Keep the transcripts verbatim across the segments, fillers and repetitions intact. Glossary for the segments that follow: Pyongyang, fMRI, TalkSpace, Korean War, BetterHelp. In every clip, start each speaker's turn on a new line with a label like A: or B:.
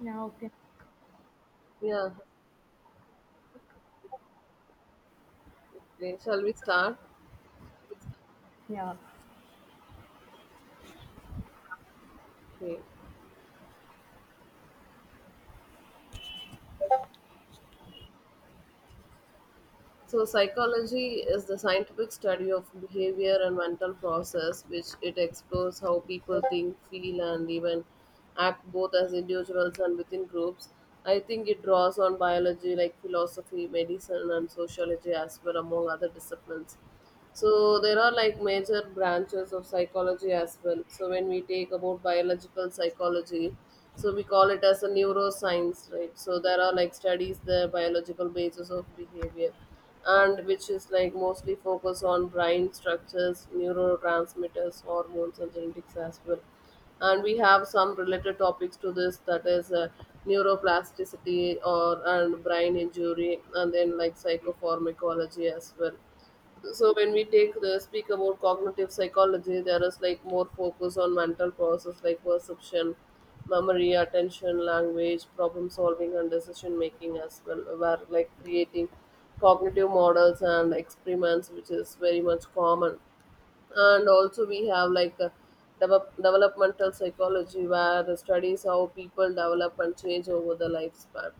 A: Yeah, okay.
B: Yeah. Okay. Shall we start?
A: Yeah.
B: Okay. So, psychology is the scientific study of behavior and mental process, which it explores how people think, feel, and even act both as individuals and within groups. I think it draws on biology like philosophy, medicine, and sociology as well, among other disciplines. So, there are like major branches of psychology as well. So, when we take about biological psychology, so we call it as a neuroscience, right? So, there are like studies the biological basis of behavior and which is like mostly focus on brain structures, neurotransmitters, hormones, and genetics as well. And we have some related topics to this that is uh, neuroplasticity or and brain injury, and then like psychopharmacology as well. So when we take the speak about cognitive psychology, there is like more focus on mental process like perception, memory, attention, language, problem solving, and decision making as well, where like creating cognitive models and experiments, which is very much common. And also we have like a develop, developmental psychology where the studies how people develop and change over the lifespan.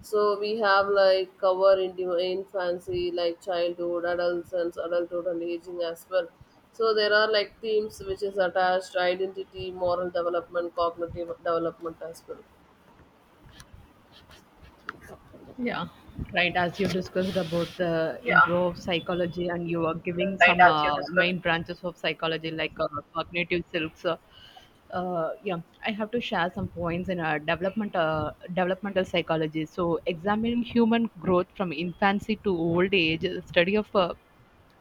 B: So we have like cover in infancy like childhood, adolescence, adulthood, and aging as well. So there are like themes which is attached identity, moral development, cognitive development as well.
A: Yeah, right. As you discussed about the
B: Yeah,
A: intro of psychology, and you are giving
B: right.
A: some
B: As you
A: uh,
B: discussed.
A: main branches of psychology like uh, cognitive silks. Uh, uh, yeah, I have to share some points in uh, development, uh, developmental psychology. So, examining human growth from infancy to old age, the study of uh,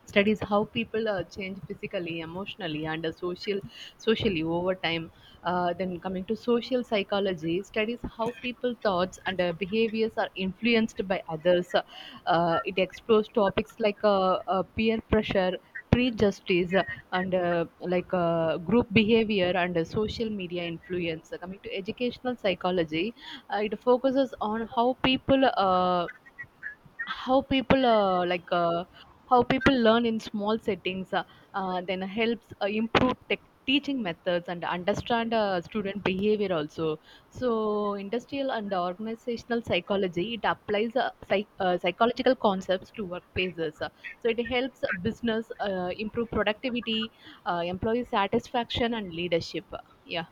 A: studies how people uh, change physically, emotionally, and uh, social socially over time. Uh, then, coming to social psychology, studies how people thoughts and uh, behaviors are influenced by others. Uh, it explores topics like uh, uh, peer pressure, prejudice, uh, and uh, like uh, group behavior and uh, social media influence. Coming to educational psychology, uh, it focuses on how people uh, how people uh, like uh, how people learn in small settings. Uh, uh, then helps uh, improve tech teaching methods and understand uh, student behavior also. So, industrial and organizational psychology, it applies uh, psych- uh, psychological concepts to workplaces. Uh, so it helps business uh, improve productivity, uh, employee satisfaction, and leadership. Yeah.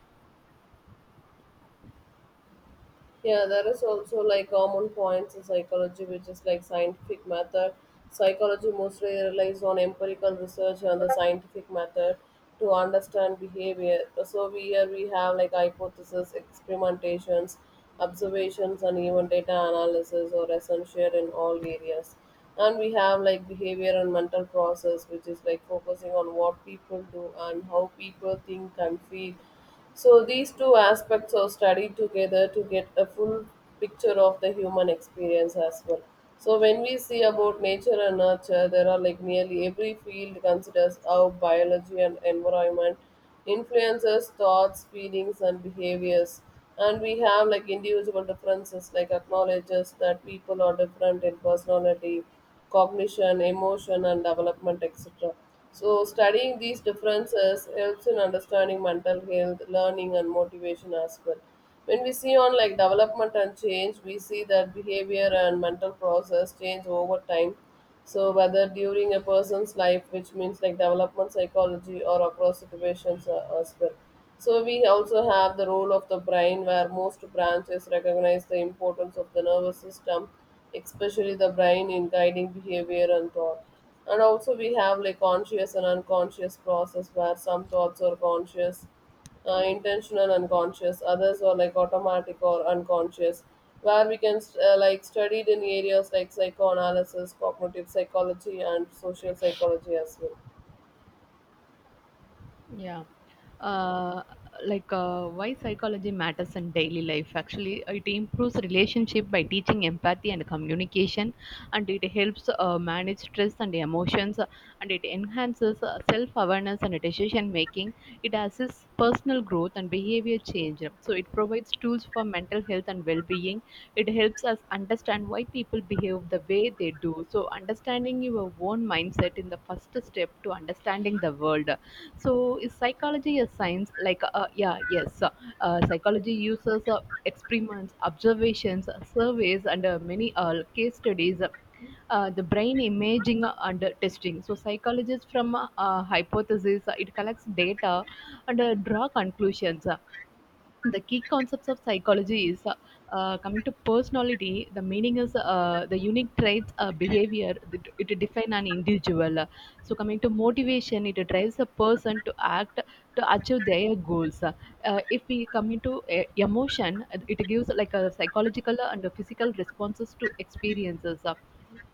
B: Yeah, there is also like common points in psychology, which is like scientific method. Psychology mostly relies on empirical research and the scientific method to understand behavior. So we here we have like hypothesis, experimentations, observations, and even data analysis are essential in all areas. And we have like behavior and mental process, which is like focusing on what people do and how people think and feel. So these two aspects are studied together to get a full picture of the human experience as well. So when we see about nature and nurture, there are like nearly every field considers how biology and environment influences thoughts, feelings, and behaviors. And we have like individual differences, like acknowledges that people are different in personality, cognition, emotion, and development, et cetera. So, studying these differences helps in understanding mental health, learning, and motivation as well. When we see on like development and change, we see that behavior and mental process change over time. So, whether during a person's life, which means like development psychology, or across situations uh, as well. So, we also have the role of the brain, where most branches recognize the importance of the nervous system, especially the brain, in guiding behavior and thought. And also we have like conscious and unconscious process, where some thoughts are conscious, uh, intentional unconscious; others are like automatic or unconscious, where we can st- uh, like studied in areas like psychoanalysis, cognitive psychology, and social psychology as well.
A: Yeah. Uh, like, uh, why psychology matters in daily life: actually, it improves relationship by teaching empathy and communication, and it helps uh, manage stress and emotions, and it enhances uh, self-awareness and decision making. It assists personal growth and behavior change, so it provides tools for mental health and well-being. It helps us understand why people behave the way they do, so understanding your own mindset in the first step to understanding the world. So, is psychology a science? Like, uh, yeah, yes. So, uh, psychology uses uh, experiments, observations, surveys, and uh, many uh, case studies, uh, the brain imaging and testing. So psychologists from uh, hypothesis, it collects data and uh, draw conclusions. The key concepts of psychology is, uh, uh, coming to personality, the meaning is uh, the unique traits, uh, behavior that it define an individual. So, coming to motivation, it drives a person to act, to achieve their goals. Uh, if we come into uh, emotion, it gives like a psychological and a physical responses to experiences.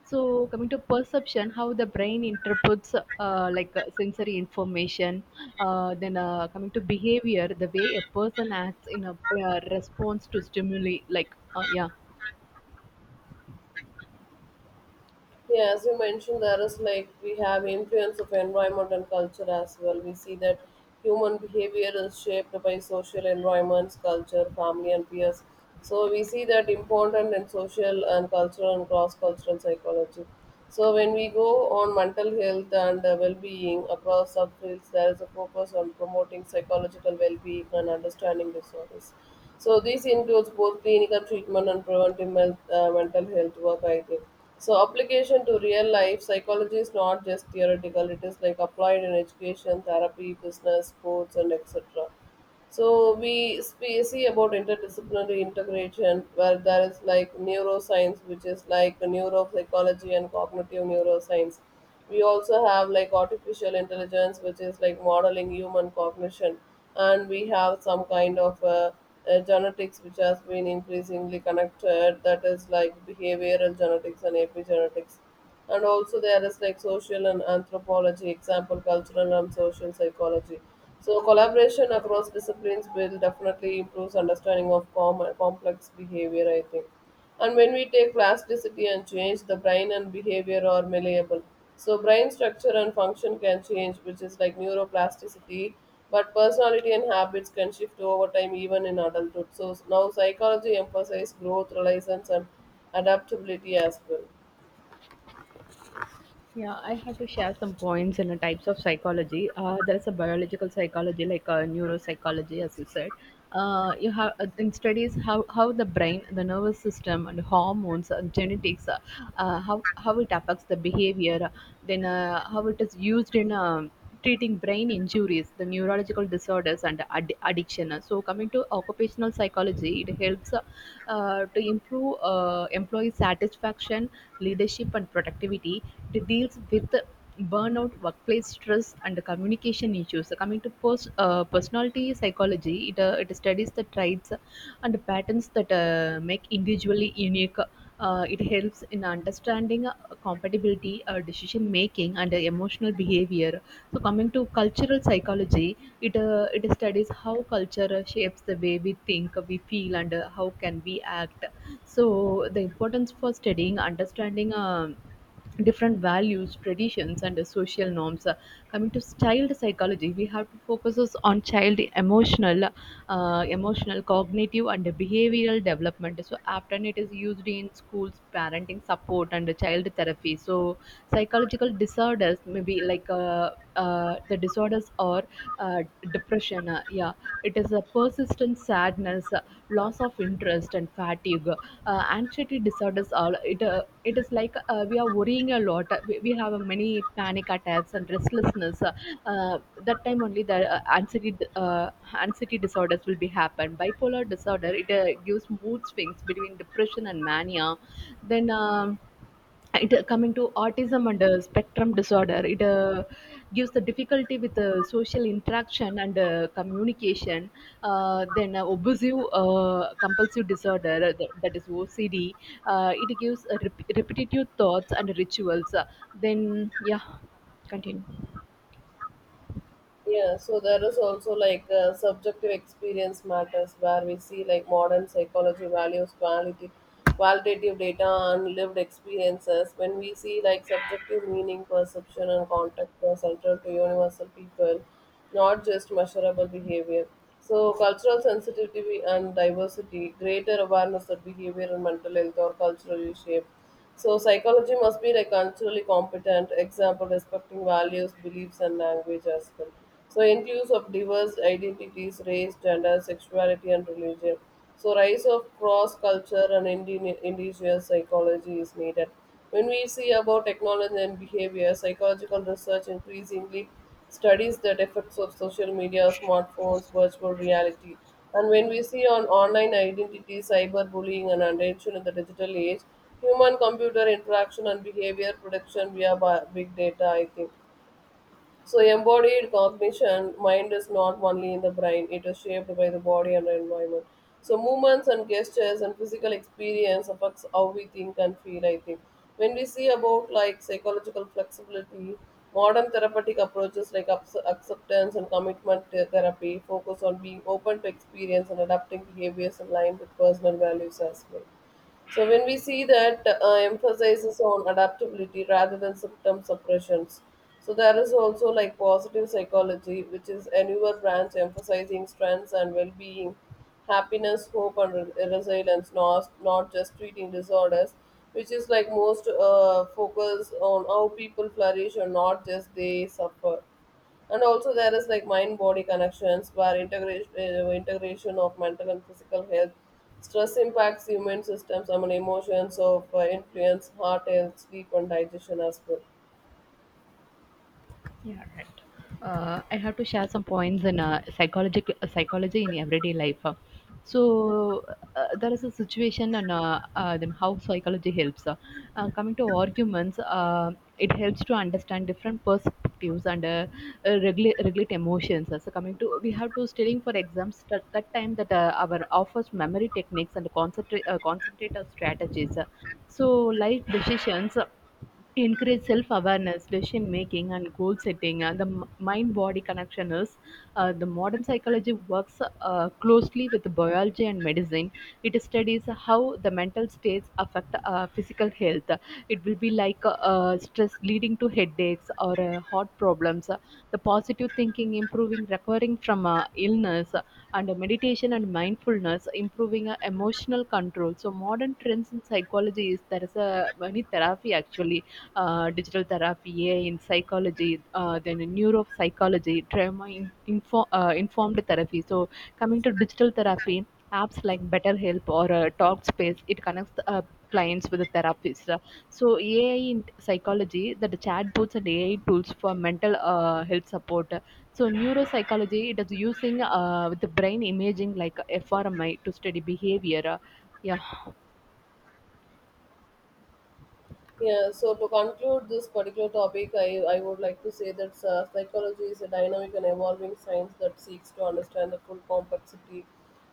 A: So, coming to perception, how the brain interprets, uh, like uh, sensory information. Uh, then uh, Coming to behavior, the way a person acts in a uh, response to stimuli, like, uh, yeah.
B: Yeah, as you mentioned, there is like we have influence of environment and culture as well. We see that human behavior is shaped by social environments, culture, family, and peers. So we see that important in social and cultural and cross cultural psychology. So when we go on mental health and uh, well-being across subfields, there is a focus on promoting psychological well-being and understanding disorders. So this includes both clinical treatment and preventive mel- uh, mental health work, I think. So application to real life, psychology is not just theoretical; it is like applied in education, therapy, business, sports, and et cetera. So we spe- see about interdisciplinary integration, where there is like neuroscience, which is like neuropsychology and cognitive neuroscience. We also have like artificial intelligence, which is like modeling human cognition, and we have some kind of uh, uh, genetics which has been increasingly connected. That is like behavioral genetics and epigenetics. And also there is like social and anthropology example cultural and social psychology. So collaboration across disciplines will definitely improve understanding of com- complex behavior, I think. And when we take plasticity and change, the brain and behavior are malleable. So brain structure and function can change, which is like neuroplasticity. But personality and habits can shift over time even in adulthood. So now psychology emphasizes growth, resilience, and adaptability as well.
A: Yeah, I had to share some points in the types of psychology. Uh, there's a biological psychology, like uh, neuropsychology, as you said. Uh, you have uh, in studies how, how the brain, the nervous system, and hormones, and genetics, uh, uh, how how it affects the behavior, then uh, how it is used in um, treating brain injuries, the neurological disorders, and ad- addiction. So, coming to occupational psychology, it helps uh, uh, to improve uh, employee satisfaction, leadership, and productivity. It deals with burnout, workplace stress, and communication issues. So, coming to post, uh, personality psychology, it, uh, it studies the traits and patterns that uh, make individually unique. Uh, it helps in understanding uh, compatibility, uh, decision making, and uh, emotional behavior. So coming to cultural psychology, it uh, it studies how culture uh, shapes the way we think, we feel, and uh, how can we act. So the importance for studying, understanding, um different values, traditions, and uh, social norms. Uh, coming to child psychology, we have to focus us on child emotional, uh, emotional, cognitive, and behavioral development. So often it is used in schools, parenting support, and child therapy. So, psychological disorders maybe like, uh, uh, the disorders or uh, depression. Uh, yeah, it is a persistent sadness, uh, loss of interest, and fatigue. Uh, anxiety disorders are, it uh, it is like, uh, we are worrying a lot. Uh, we, we have uh, many panic attacks and restlessness. Uh, uh, that time only the uh, anxiety uh, anxiety disorders will be happen. Bipolar disorder, it uh, gives mood swings between depression and mania. Then, um, it uh, coming to autism and uh, spectrum disorder, it uh, gives the difficulty with uh, social interaction and uh, communication. Uh, then uh, Obsessive uh, compulsive disorder, uh, that, that is O C D. Uh, it gives uh, rep- repetitive thoughts and rituals. Uh, then, yeah, continue.
B: Yeah, so there is also like uh, subjective experience matters, where we see like modern psychology values quality, qualitative data and lived experiences. When we see like subjective meaning, perception, and context are central to universal people, not just measurable behavior. So cultural sensitivity and diversity, greater awareness of behavior and mental health are culturally shaped. So psychology must be like culturally competent, example respecting values, beliefs, and language as well. So includes of diverse identities, race, gender, sexuality, and religion. So rise of cross culture and indi- indigenous psychology is needed. When we see about technology and behavior, psychological research increasingly studies the effects of social media, smartphones, virtual reality. And when we see on online identity, cyberbullying, and attention in the digital age, human computer interaction and behavior prediction via bi- big data, I think. So, embodied cognition, mind is not only in the brain, it is shaped by the body and the environment. So, movements and gestures and physical experience affects how we think and feel, I think. When we see about like psychological flexibility, modern therapeutic approaches like abs- acceptance and commitment th- therapy focus on being open to experience and adapting behaviors in line with personal values as well. So when we see that uh, emphasizes on adaptability rather than symptom suppressions. So there is also like positive psychology, which is a newer branch emphasizing strengths and well-being, happiness, hope, and re- resilience, not, not just treating disorders, which is like most uh, focus on how people flourish and not just they suffer. And also there is like mind body connections, where integration uh, integration of mental and physical health, stress impacts immune systems. I mean emotions of uh, influence heart health, sleep, and digestion as well.
A: Yeah, right. Uh, I have to share some points in uh, psychology, psychology in everyday life. Uh, So, uh, there is a situation, and uh, uh, then how psychology helps. Uh, uh, coming to arguments, uh, it helps to understand different perspectives and uh, uh, regulate, regulate emotions. Uh, So, coming to, we have to studying for exams, that, that time that uh, our offers memory techniques, and concentrate, uh, concentrate our strategies. Uh, so, life decisions, Uh, to increase self-awareness, decision-making, and goal-setting. And the mind-body connection is, uh, the modern psychology works uh, closely with biology and medicine. It studies how the mental states affect uh, physical health. It will be like, uh, uh, stress leading to headaches or uh, heart problems. The positive thinking improving recovering from uh, illness, and meditation and mindfulness improving uh, emotional control. So, modern trends in psychology, is there is a many therapy actually, uh, digital therapy, A I in psychology, uh, then in neuropsychology, trauma in, info, uh, informed therapy. So, coming to digital therapy, apps like BetterHelp or uh, TalkSpace, it connects uh, clients with the therapist. Uh, So, A I in psychology, that the chatbots and A I tools for mental uh, health support. So, neuropsychology, it is using uh, with the brain imaging like f M R I to study behavior. Uh, Yeah.
B: Yeah, so to conclude this particular topic, I, I would like to say that uh, psychology is a dynamic and evolving science that seeks to understand the full complexity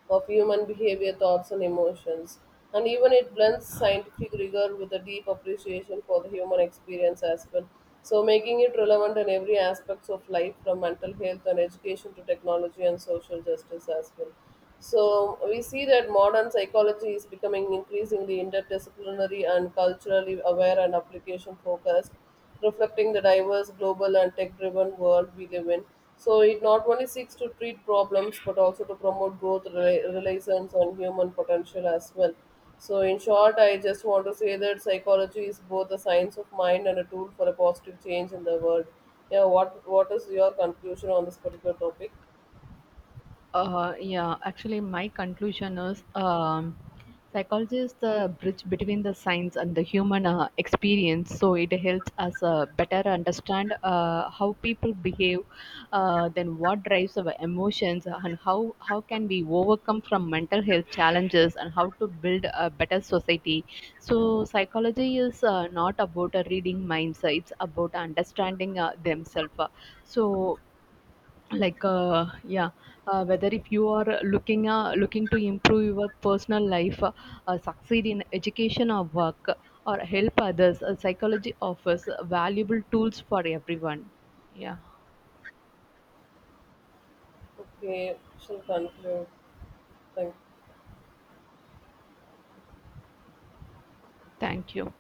B: of human behavior, thoughts, and emotions. And even it blends scientific rigor with a deep appreciation for the human experience as well. So, making it relevant in every aspects of life from mental health and education to technology and social justice as well. So we see that modern psychology is becoming increasingly interdisciplinary and culturally aware and application focused, reflecting the diverse global and tech driven world we live in. So it not only seeks to treat problems but also to promote growth, rela- relations, and human potential as well. So, in short, I just want to say that psychology is both a science of mind and a tool for a positive change in the world. Yeah, what what is your conclusion on this particular topic?
A: Uh, yeah, actually, my conclusion is, um, psychology is the bridge between the science and the human uh, experience. So it helps us uh, better understand uh, how people behave, uh, then what drives our emotions, and how how can we overcome from mental health challenges, and how to build a better society. So psychology is uh, not about uh, reading minds; uh, it's about understanding uh, themselves. So, like, uh, yeah, uh, whether if you are looking uh, looking to improve your personal life, uh, uh, succeed in education or work or help others, uh, psychology offers valuable tools for everyone. Yeah,
B: Okay, shall conclude. Clear.
A: thank you.